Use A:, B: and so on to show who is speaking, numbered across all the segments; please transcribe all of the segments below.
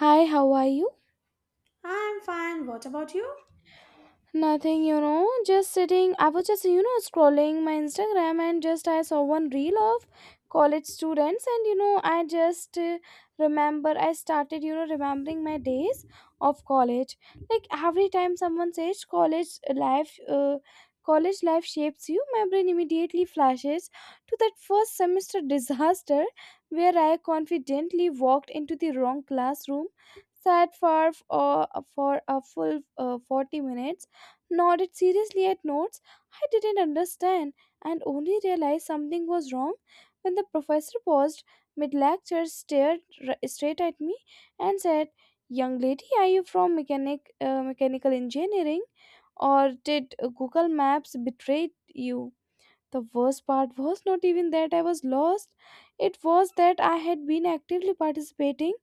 A: Hi, how are you?
B: I'm fine. What about you?
A: Nothing, you know, just sitting. I was just, you know, scrolling my Instagram and just I saw one reel of college students, and you know, I started, you know, remembering my days of college. Like every time someone says college life shapes you, my brain immediately flashes to that first semester disaster where I confidently walked into the wrong classroom, sat for a full 40 minutes, nodded seriously at notes I didn't understand, and only realized something was wrong when the professor paused mid lecture, stared straight at me, and said, "Young lady, are you from mechanical engineering or did Google Maps betray you?" The worst part was not even that I was lost, it was that I had been actively participating,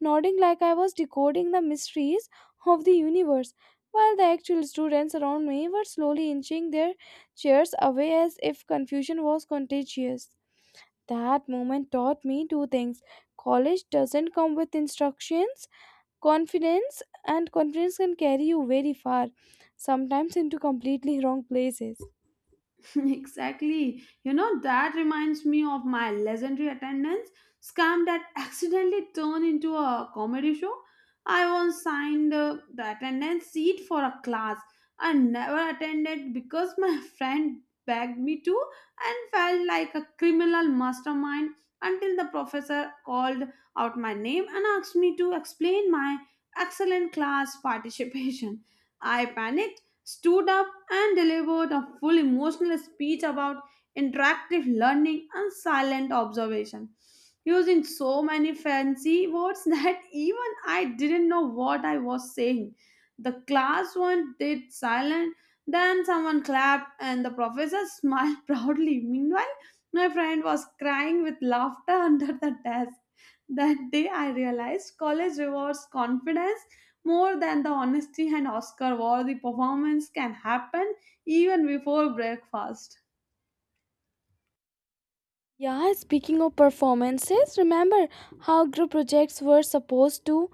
A: nodding like I was decoding the mysteries of the universe, while the actual students around me were slowly inching their chairs away as if confusion was contagious. That moment taught me two things. College doesn't come with instructions, confidence, and confidence can carry you very far, sometimes into completely wrong places.
B: Exactly. You know, that reminds me of my legendary attendance scam that accidentally turned into a comedy show. I once signed the attendance sheet for a class I never attended because my friend begged me to and felt like a criminal mastermind until the professor called out my name and asked me to explain my excellent class participation. I panicked, stood up and delivered a full emotional speech about interactive learning and silent observation, using so many fancy words that even I didn't know what I was saying. The class one did silent, then someone clapped, and the professor smiled proudly. Meanwhile, my friend was crying with laughter under the desk. That day, I realized college rewards confidence more than the honesty and Oscar war, the performance can happen even before breakfast.
A: Yeah, speaking of performances, remember how group projects were supposed to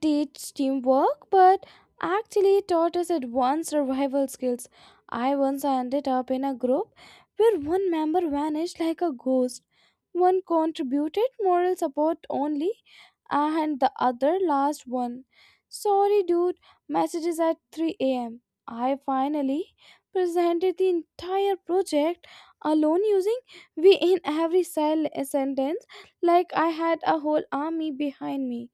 A: teach teamwork, but actually taught us advanced survival skills. I once ended up in a group where one member vanished like a ghost. One contributed moral support only, and the other last one. Sorry, dude, messages at 3 am. I finally presented the entire project alone using "we" in every sentence like I had a whole army behind me.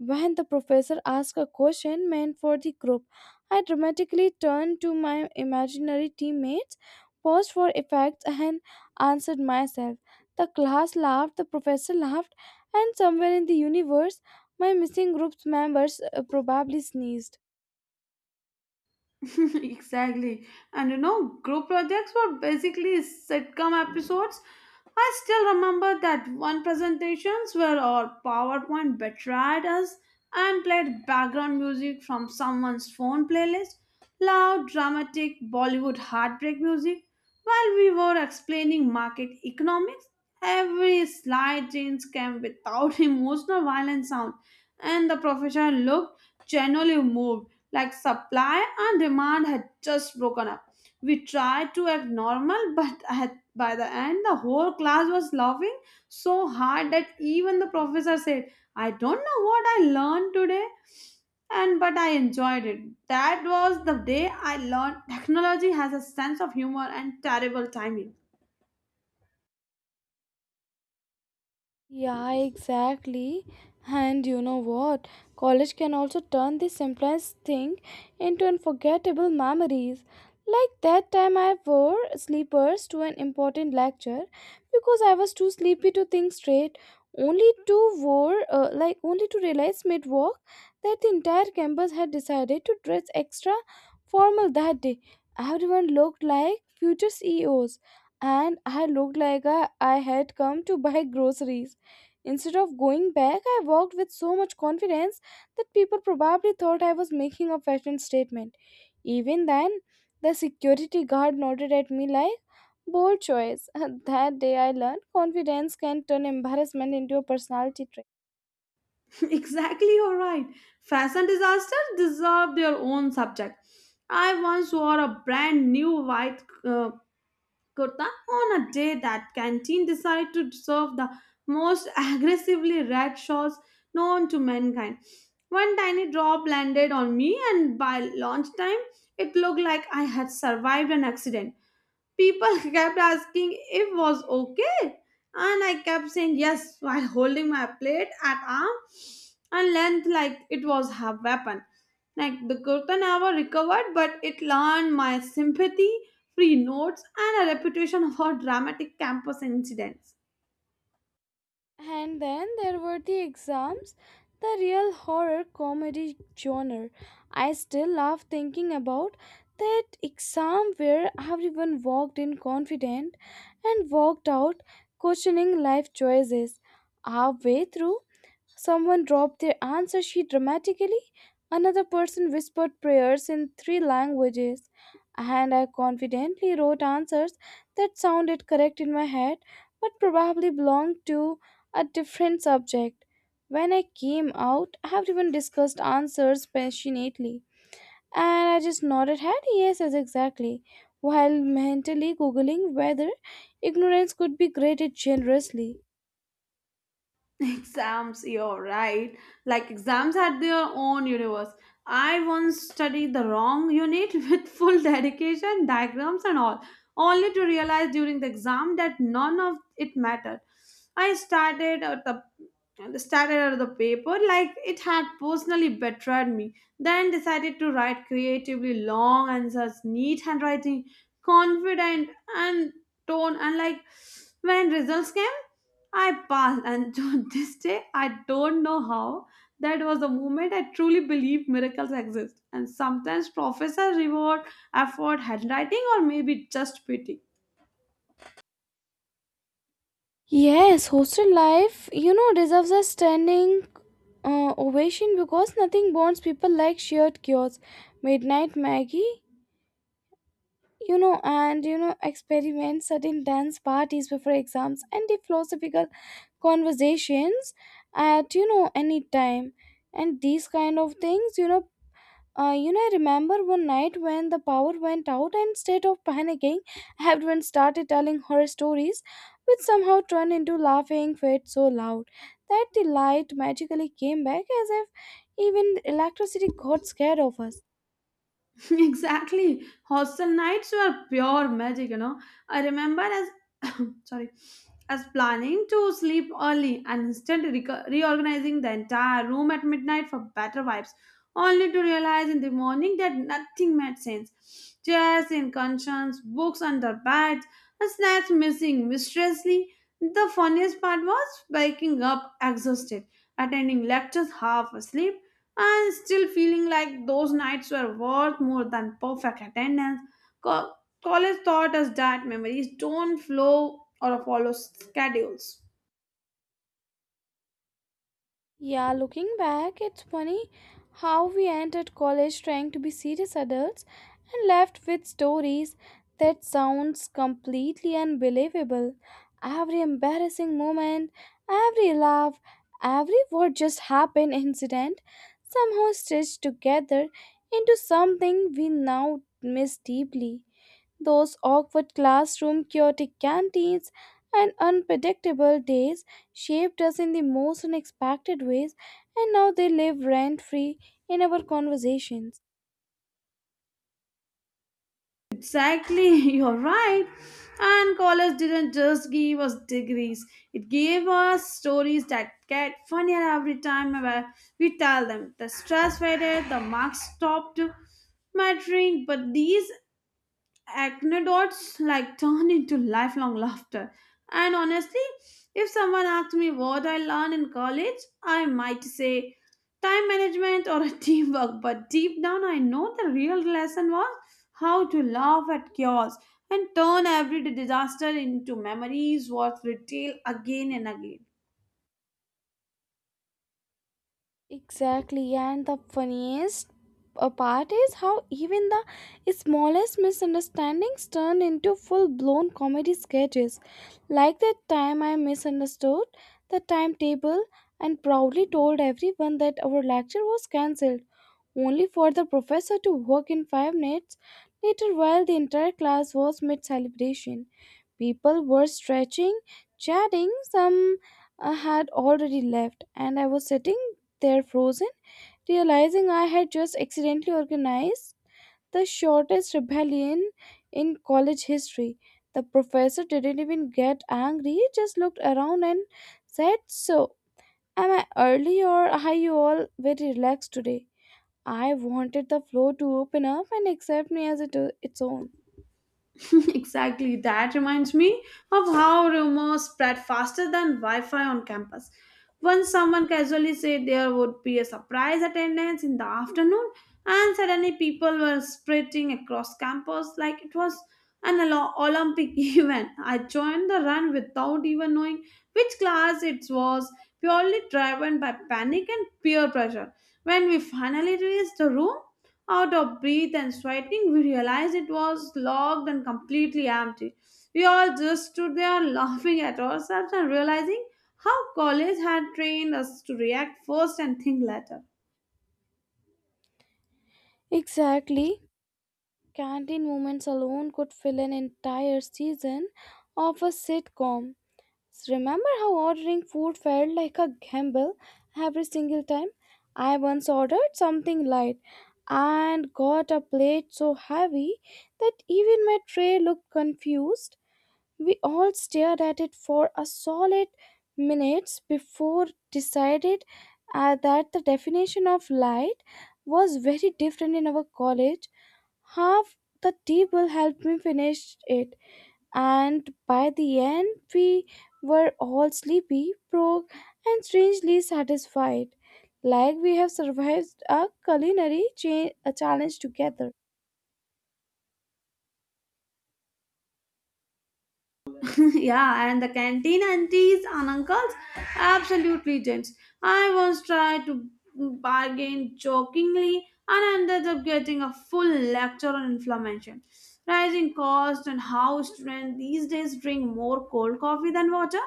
A: When the professor asked a question meant for the group, I dramatically turned to my imaginary teammates, paused for effect, and answered myself. The class laughed, the professor laughed, and somewhere in the universe, my missing group's members probably sneezed.
B: Exactly. And you know, group projects were basically sitcom episodes. I still remember that one presentations where our PowerPoint betrayed us and played background music from someone's phone playlist, loud, dramatic Bollywood heartbreak music. While we were explaining market economics, every slide change came without emotional violent sound, and the professor looked genuinely moved, like supply and demand had just broken up. We tried to act normal, but at, by the end, the whole class was laughing so hard that even the professor said, I don't know what I learned today, and but I enjoyed it. That was the day I learned technology has a sense of humor and terrible timing.
A: Yeah, exactly. And you know what? College can also turn the simplest thing into unforgettable memories. Like that time I wore sleepers to an important lecture because I was too sleepy to think straight, only to wore like only to realize mid walk that the entire campus had decided to dress extra formal that day. Everyone looked like future CEOs, and I looked like I had come to buy groceries. Instead of going back, I walked with so much confidence that people probably thought I was making a fashion statement. Even then, the security guard nodded at me like, bold choice. That day I learned confidence can turn embarrassment into a personality.
B: Exactly, you're right. Fashion disasters deserve their own subject. I once wore a brand new white kurta on a day that canteen decided to serve the most aggressively red sauce known to mankind. One tiny drop landed on me, and by lunchtime, it looked like I had survived an accident. People kept asking if was okay, and I kept saying yes while holding my plate at arm and length like it was a weapon. Like the kurta never recovered, but it learned my sympathy, free notes, and a reputation for dramatic campus incidents.
A: And then there were the exams, the real horror comedy genre. I still laugh thinking about that exam where everyone walked in confident and walked out questioning life choices halfway through. Someone dropped their answer sheet dramatically. Another person whispered prayers in 3 languages, and I confidently wrote answers that sounded correct in my head but probably belonged to a different subject. When I came out, everyone discussed answers passionately, and I just nodded head, yes, yes, exactly, while mentally googling whether ignorance could be graded generously.
B: Exams, you're right, like exams had their own universe. I once studied the wrong unit with full dedication, diagrams and all, only to realize during the exam that none of it mattered. I started at the paper like it had personally betrayed me, then decided to write creatively long answers, neat handwriting, confident, and tone, and like, when results came, I passed, and to this day, I don't know how. That was the moment I truly believed miracles exist. And sometimes professors reward effort, handwriting, or maybe just pity.
A: Yes, hostel life, you know, deserves a standing ovation because nothing bonds people like shared cures, midnight Maggie, you know, and you know, experiments, certain dance parties before exams, and the philosophical conversations at any time, and these kind of things, I remember one night when the power went out, and instead of panicking, everyone started telling horror stories, which somehow turned into laughing fits so loud that the light magically came back as if even electricity got scared of us.
B: Exactly. Hostel nights were pure magic, you know. I remember as sorry, as planning to sleep early and instantly reorganizing the entire room at midnight for better vibes, only to realize in the morning that nothing made sense. Chairs in cushions, books under beds, and snacks missing mysteriously. The funniest part was waking up exhausted, attending lectures half asleep, and still feeling like those nights were worth more than perfect attendance. Co- College taught us that memories don't flow or follow schedules.
A: Yeah, looking back, it's funny how we entered college trying to be serious adults and left with stories that sounds completely unbelievable. Every embarrassing moment, every laugh, every "what just happened" incident somehow stitched together into something we now miss deeply. Those awkward classroom, chaotic canteens, and unpredictable days shaped us in the most unexpected ways, and now they live rent free in our conversations.
B: Exactly, you're right. And college didn't just give us degrees, it gave us stories that get funnier every time where we tell them. The stress faded, the marks stopped mattering, but these anecdotes like turn into lifelong laughter. And honestly, if someone asked me what I learned in college, I might say time management or teamwork, but deep down I know the real lesson was how to laugh at chaos and turn everyday disaster into memories worth retail again and again.
A: Exactly, and the funniest part is how even the smallest misunderstandings turn into full blown comedy sketches. Like that time I misunderstood the timetable and proudly told everyone that our lecture was cancelled, only for the professor to walk in 5 minutes later while the entire class was mid celebration. People were stretching, chatting, some had already left, and I was sitting there frozen, realizing I had just accidentally organized the shortest rebellion in college history. The professor didn't even get angry, he just looked around and said, "So, am I early or are you all very relaxed today?" I wanted the floor to open up and accept me as its own.
B: Exactly. That reminds me of how rumors spread faster than Wi Fi on campus. Once someone casually said there would be a surprise attendance in the afternoon, and suddenly people were sprinting across campus like it was an Olympic event. I joined the run without even knowing which class it was, purely driven by panic and peer pressure. When we finally reached the room, out of breath and sweating, we realized it was locked and completely empty. We all just stood there laughing at ourselves and realizing how college had trained us to react first and think later.
A: Exactly. Canteen moments alone could fill an entire season of a sitcom. Remember how ordering food felt like a gamble every single time? I once ordered something light and got a plate so heavy that even my tray looked confused. We all stared at it for a solid minutes before decided that the definition of light was very different in our college. Half the table helped me finish it, and by the end we were all sleepy, broke, and strangely satisfied, like we have survived a culinary cha- a challenge together.
B: Yeah, and the canteen aunties and uncles, absolute legends. I once tried to bargain jokingly and ended up getting a full lecture on inflammation, rising costs, and how students these days drink more cold coffee than water.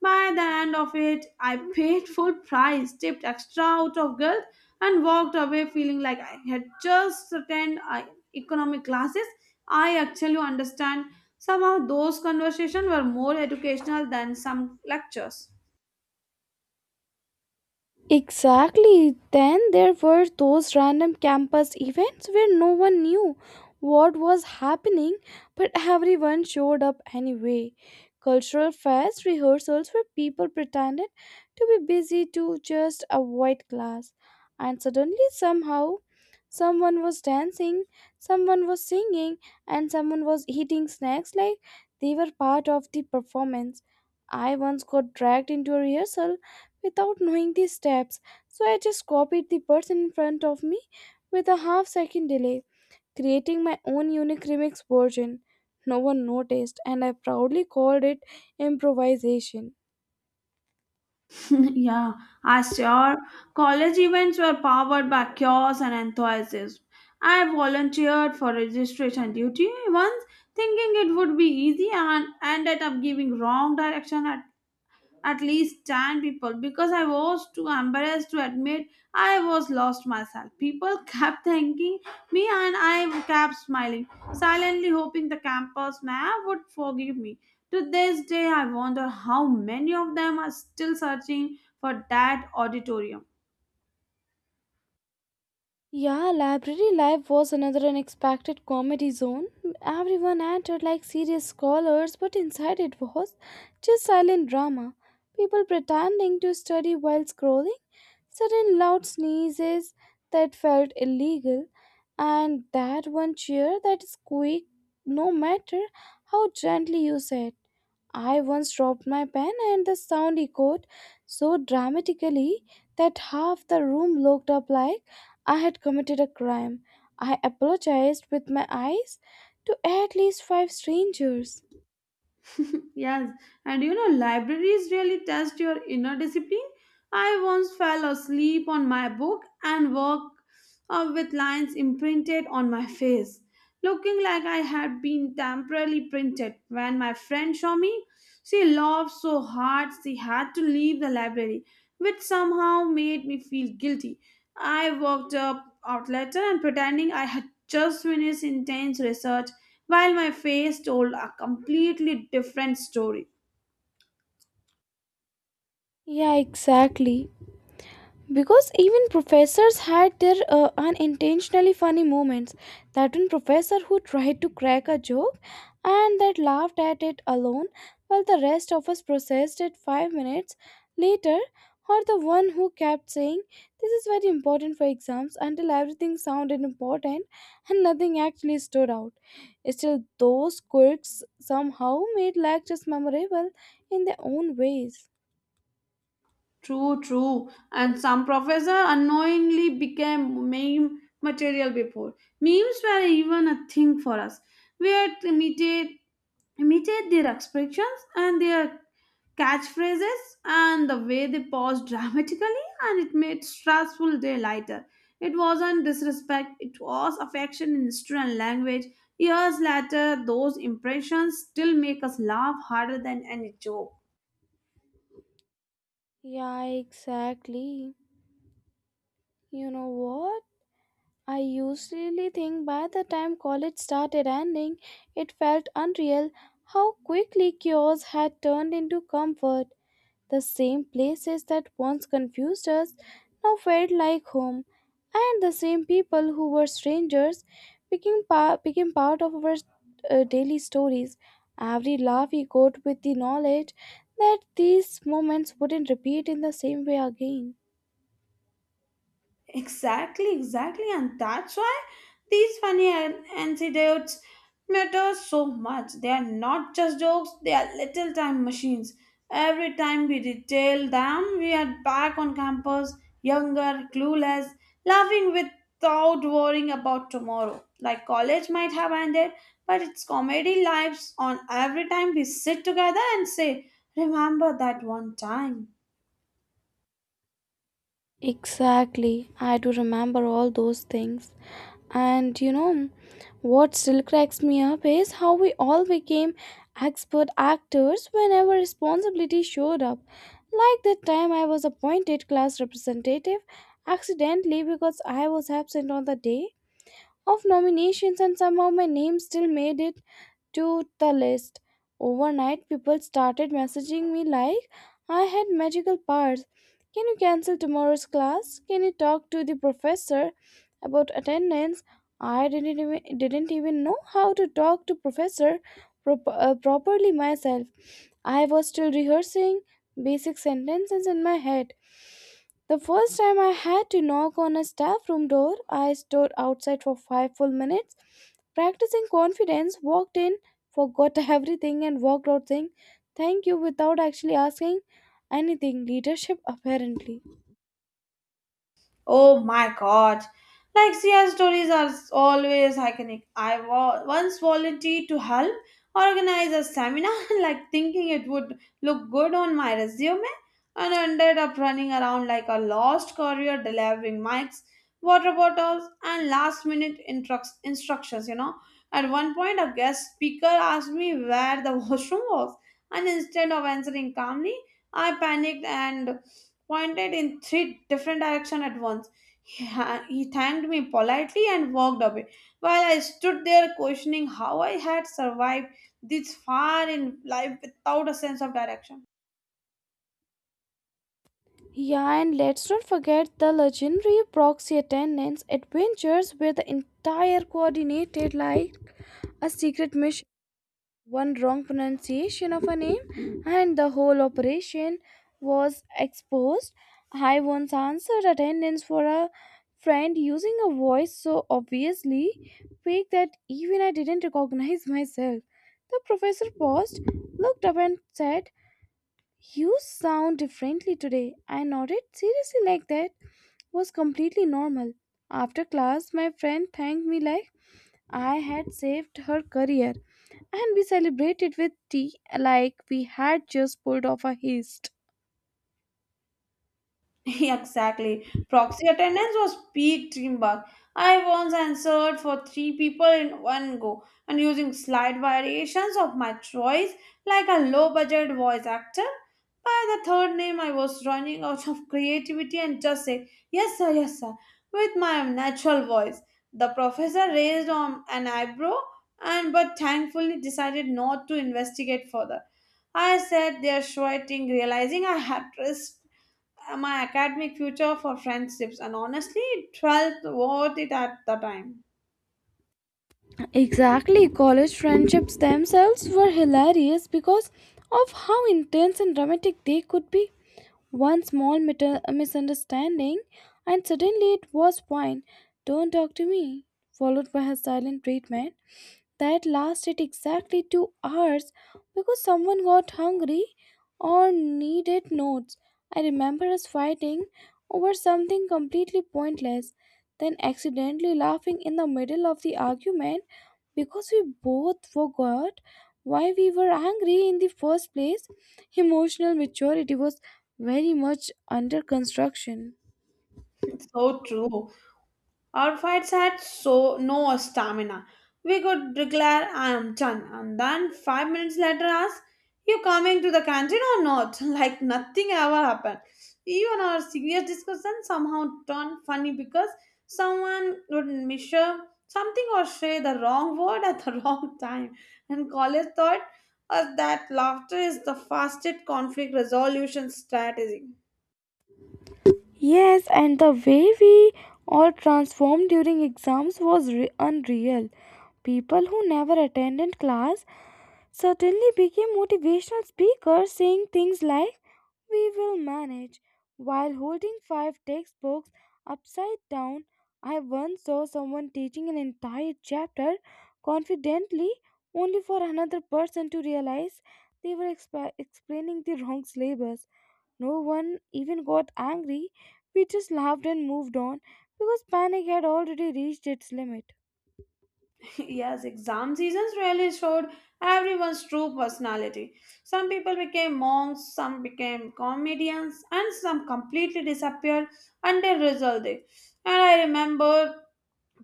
B: By the end of it, I paid full price, tipped extra out of guilt, and walked away feeling like I had just attended economic classes. I actually understand. Somehow those conversations were more educational than some lectures.
A: Exactly. Then there were those random campus events where no one knew what was happening, but everyone showed up anyway. Cultural fest rehearsals where people pretended to be busy to just avoid class. And suddenly, somehow, someone was dancing, someone was singing, and someone was eating snacks like they were part of the performance. I once got dragged into a rehearsal without knowing the steps, so I just copied the person in front of me with a half second delay, creating my own unique remix version. No one noticed, and I proudly called it improvisation.
B: Yeah, as sure college events were powered by chaos and enthusiasm. I volunteered for registration duty once, thinking it would be easy, and ended up giving wrong direction at least 10 people because I was too embarrassed to admit I was lost myself. People kept thanking me and I kept smiling, silently hoping the campus map would forgive me. To this day, I wonder how many of them are still searching for that auditorium.
A: Yeah, library life was another unexpected comedy zone. Everyone entered like serious scholars, but inside it was just silent drama. People pretending to study while scrolling, sudden loud sneezes that felt illegal, and that one cheer that is quick no matter how gently you say it. I once dropped my pen and the sound echoed so dramatically that half the room looked up like I had committed a crime. I apologized with my eyes to at least 5 strangers.
B: Yes, and you know, libraries really test your inner discipline. I once fell asleep on my book and woke up with lines imprinted on my face, looking like I had been temporarily printed. When my friend saw me, she laughed so hard she had to leave the library, which somehow made me feel guilty. I walked up out later and pretending I had just finished intense research while my face told a completely different story.
A: Yeah, exactly. Because even professors had their unintentionally funny moments. That one professor who tried to crack a joke and that laughed at it alone while the rest of us processed it 5 minutes later, or the one who kept saying, "This is very important for exams" until everything sounded important and nothing actually stood out. Still, those quirks somehow made lectures memorable in their own ways.
B: True, true. And some professor unknowingly became meme material before. Memes were even a thing for us. We had imitated their expressions and their catchphrases and the way they paused dramatically, and it made stressful day lighter. It wasn't disrespect, it was affection in student language. Years later, those impressions still make us laugh harder than any joke.
A: Yeah, exactly. You know what? I usually think by the time college started ending, it felt unreal how quickly cures had turned into comfort. The same places that once confused us now felt like home, and the same people who were strangers became part of our daily stories. Every laugh echoed with the knowledge that these moments wouldn't repeat in the same way again.
B: Exactly, exactly, and that's why these funny anecdotes matter so much. They are not just jokes; they are little time machines. Every time we retell them, we are back on campus, younger, clueless, laughing without worrying about tomorrow. Like college might have ended, but its comedy lives on every time we sit together and say, "Remember that one time."
A: Exactly. I do remember all those things. And you know, what still cracks me up is how we all became expert actors whenever responsibility showed up. Like that time I was appointed class representative accidentally because I was absent on the day of nominations and somehow my name still made it to the list. Overnight, people started messaging me like I had magical powers. Can you cancel tomorrow's class? Can you talk to the professor about attendance? I didn't even know how to talk to professor properly myself. I was still rehearsing basic sentences in my head. The first time I had to knock on a staff room door, I stood outside for 5 full minutes, practicing confidence, walked in, forgot everything, and walked out saying thank you without actually asking anything. Leadership, apparently.
B: Oh my god. Like CI stories are always iconic. Once volunteered to help organize a seminar, like thinking it would look good on my resume, and ended up running around like a lost courier delivering mics, water bottles, and last minute instructions. You know, at one point, a guest speaker asked me where the washroom was, and instead of answering calmly, I panicked and pointed in three different directions at once. He thanked me politely and walked away, while I stood there questioning how I had survived this far in life without a sense of direction.
A: Yeah, and let's not forget the legendary proxy attendance adventures where the entire coordinated like a secret mission. One wrong pronunciation of a name and the whole operation was exposed. I once answered attendance for a friend using a voice so obviously fake that even I didn't recognize myself. The professor paused, looked up, and said, "You sound differently today." I nodded seriously, like that was completely normal. After class, my friend thanked me like I had saved her career, and we celebrated with tea like we had just pulled off a heist.
B: Exactly. Proxy attendance was peak teamwork. I once answered for three people in one go and using slight variations of my choice like a low budget voice actor. By the third name, I was running out of creativity and just said, yes, sir, with my natural voice. The professor raised on an eyebrow and but thankfully decided not to investigate further. I sat there sweating, realizing I had risked my academic future for friendships, and honestly it felt worth it at the time.
A: Exactly, college friendships themselves were hilarious because of how intense and dramatic they could be. One small misunderstanding, and suddenly it was fine. Don't talk to me. Followed by her silent treatment that lasted exactly 2 hours because someone got hungry or needed notes. I remember us fighting over something completely pointless, then accidentally laughing in the middle of the argument because we both forgot why we were angry in the first place. Emotional maturity was very much under construction.
B: It's so true. Our fights had so no stamina. We could declare I am done and then 5 minutes later ask you coming to the canteen or not? Like nothing ever happened. Even our serious discussion somehow turned funny because someone would measure something or say the wrong word at the wrong time. And college taught us that laughter is the fastest conflict resolution strategy.
A: Yes, and the way we all transformed during exams was unreal. People who never attended class certainly became motivational speakers, saying things like, we will manage, while holding five textbooks upside down. I once saw someone teaching an entire chapter confidently, only for another person to realize they were explaining the wrong syllabus. No one even got angry, we just laughed and moved on because panic had already reached its limit.
B: Yes, exam seasons really showed everyone's true personality. Some people became monks, some became comedians, and some completely disappeared until result day. And I remember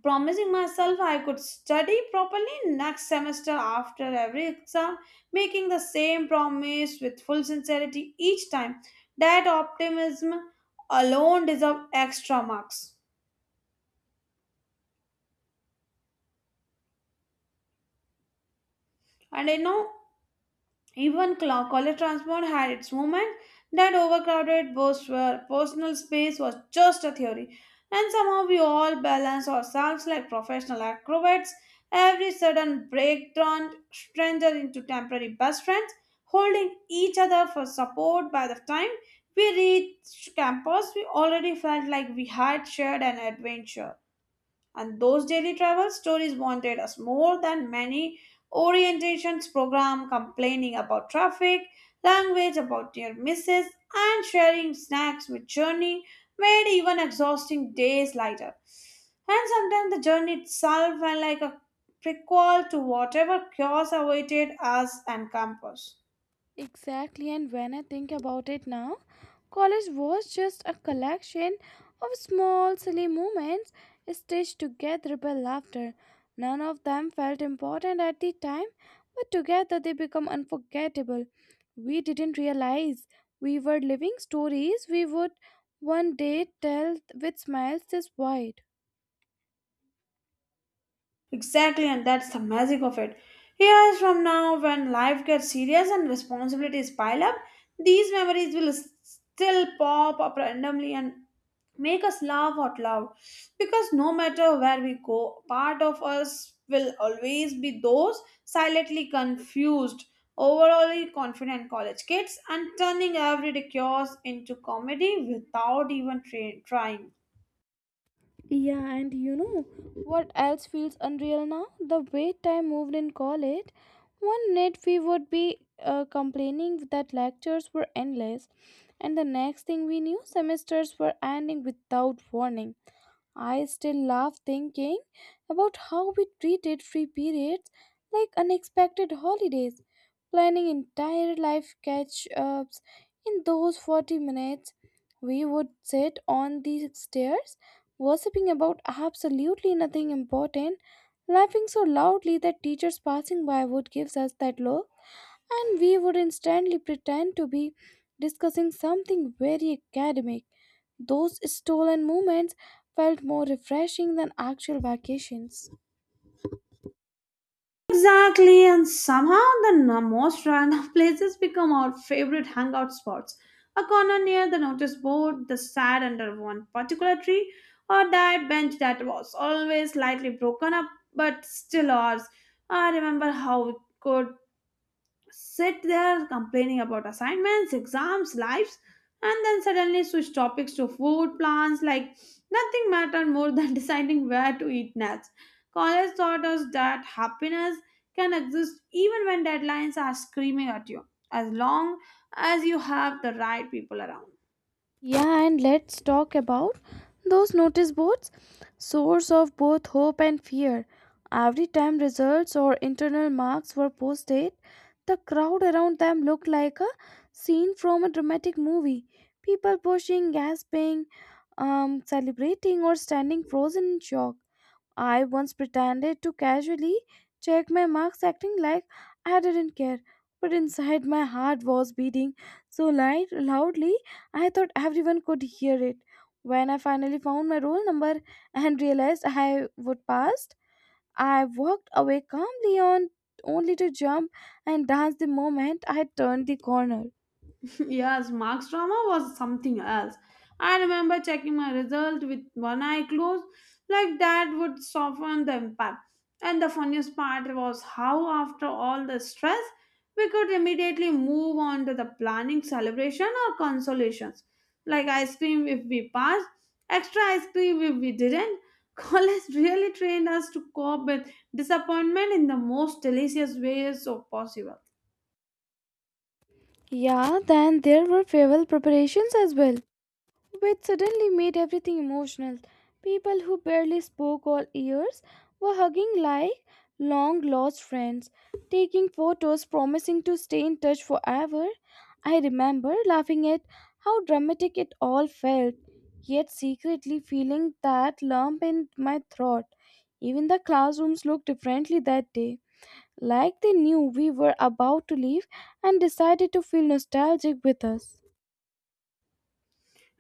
B: promising myself I could study properly next semester after every exam, making the same promise with full sincerity each time. That optimism alone deserved extra marks. And I know, even college transport had its moments. That overcrowded bus where personal space was just a theory. And somehow we all balance ourselves like professional acrobats. Every sudden break turned stranger into temporary best friends, holding each other for support. By the time we reached campus, we already felt like we had shared an adventure, and those daily travel stories wanted us more than many orientations program, complaining about traffic language, about near misses, and sharing snacks with journey made even exhausting days lighter, and sometimes the journey itself felt like a prequel to whatever chaos awaited us and campus.
A: Exactly, and when I think about it now, college was just a collection of small, silly moments stitched together by laughter. None of them felt important at the time, but together they become unforgettable. We didn't realize we were living stories we would one day tell with smiles this wide.
B: Exactly, and that's the magic of it. Years from now, when life gets serious and responsibilities pile up, these memories will still pop up randomly and make us laugh out loud. Because no matter where we go, part of us will always be those silently confused, overall confident college kids, and turning every chaos into comedy without even trying.
A: Yeah, and you know what else feels unreal now? The way time moved in college. One minute we would be complaining that lectures were endless, and the next thing we knew, semesters were ending without warning. I still laugh thinking about how we treated free periods like unexpected holidays, planning entire life catch ups. In those 40 minutes, we would sit on the stairs, gossiping about absolutely nothing important, laughing so loudly that teachers passing by would give us that look, and we would instantly pretend to be discussing something very academic. Those stolen moments felt more refreshing than actual vacations.
B: Exactly, and somehow the most random places become our favorite hangout spots. A corner near the notice board, the sad under one particular tree, or that bench that was always slightly broken up but still ours. I remember how we could sit there complaining about assignments, exams, lives, and then suddenly switch topics to food plans like nothing mattered more than deciding where to eat next. College taught us that happiness can exist even when deadlines are screaming at you, as long as you have the right people around.
A: Yeah, and let's talk about those notice boards, source of both hope and fear. Every time results or internal marks were posted, the crowd around them looked like a scene from a dramatic movie. People pushing, gasping, celebrating, or standing frozen in shock. I once pretended to casually check my marks, acting like I didn't care. But inside, my heart was beating so light, loudly, I thought everyone could hear it. When I finally found my roll number and realized I would pass, I walked away calmly on only to jump and dance the moment I turned the corner.
B: Yes, Mark's drama was something else. I remember checking my result with one eye closed, like that would soften the impact. And the funniest part was how, after all the stress, we could immediately move on to the planning celebration or consolations, like ice cream if we passed, extra ice cream if we didn't. College really trained us to cope with disappointment in the most delicious ways so possible.
A: Yeah, then there were farewell preparations as well, which suddenly made everything emotional. People who barely spoke or ears were hugging like long lost friends, taking photos, promising to stay in touch forever. I remember laughing at how dramatic it all felt, yet secretly feeling that lump in my throat. Even the classrooms looked differently that day, like they knew we were about to leave and decided to feel nostalgic with us.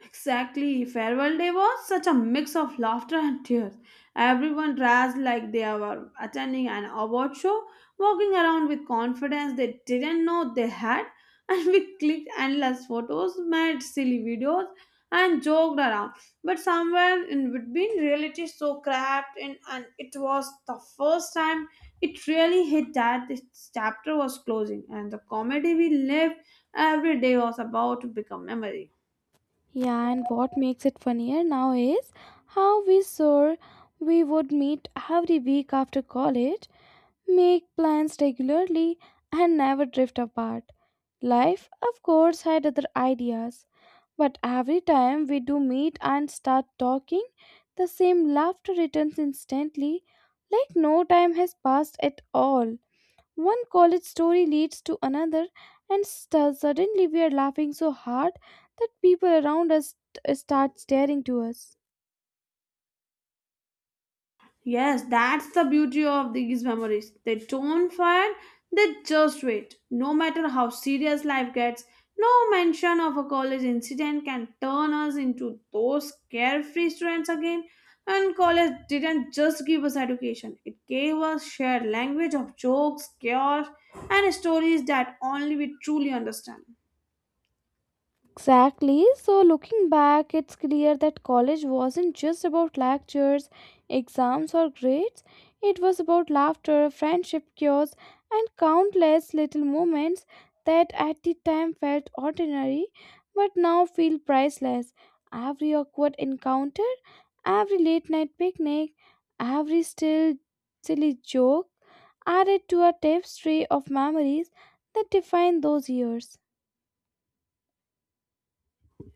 B: Exactly. Farewell Day was such a mix of laughter and tears. Everyone dressed like they were attending an award show, walking around with confidence they didn't know they had, and we clicked endless photos, made silly videos, and joked around. But somewhere in between, reality so cracked in, and it was the first time it really hit that this chapter was closing, and the comedy we lived every day was about to become memory.
A: Yeah, and what makes it funnier now is how we swore we would meet every week after college, make plans regularly, and never drift apart. Life, of course, had other ideas, but every time we do meet and start talking, the same laughter returns instantly, like no time has passed at all. One college story leads to another, and suddenly we are laughing so hard that people around us start staring to us.
B: Yes, that's the beauty of these memories. They don't fade, they just wait. No matter how serious life gets, no mention of a college incident can turn us into those carefree students again. And college didn't just give us education, it gave us shared language of jokes, chaos, and stories that only we truly understand.
A: Exactly. So, looking back, it's clear that college wasn't just about lectures, exams, or grades. It was about laughter, friendship, cures, and countless little moments that at the time felt ordinary but now feel priceless. Every awkward encounter, every late night picnic, every still silly joke added to a tapestry of memories that define those years.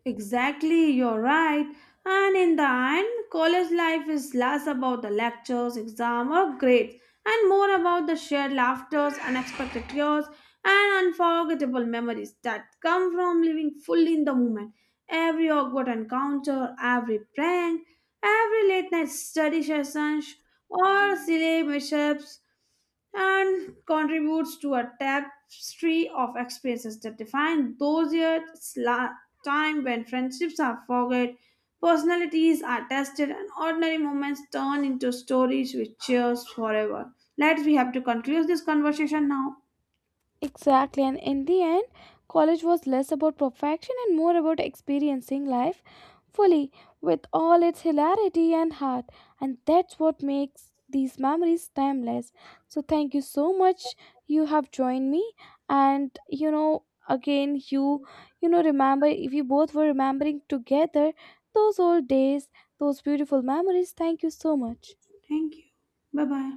B: Exactly, you're right. And in the end, college life is less about the lectures, exam, or grades, and more about the shared laughters, unexpected tears, and unforgettable memories that come from living fully in the moment. Every awkward encounter, every prank, every late night study session, or silly mishaps, and contributes to a tapestry of experiences that define those years, time when friendships are forged, personalities are tested, and ordinary moments turn into stories which cheers forever. Let's we have to conclude this conversation now.
A: Exactly, and in the end, college was less about perfection and more about experiencing life fully with all its hilarity and heart, and that's what makes these memories timeless. So, thank you so much. You have joined me, and again, remember if you both were remembering together those old days, those beautiful memories. Thank you so much.
B: Thank you. Bye bye.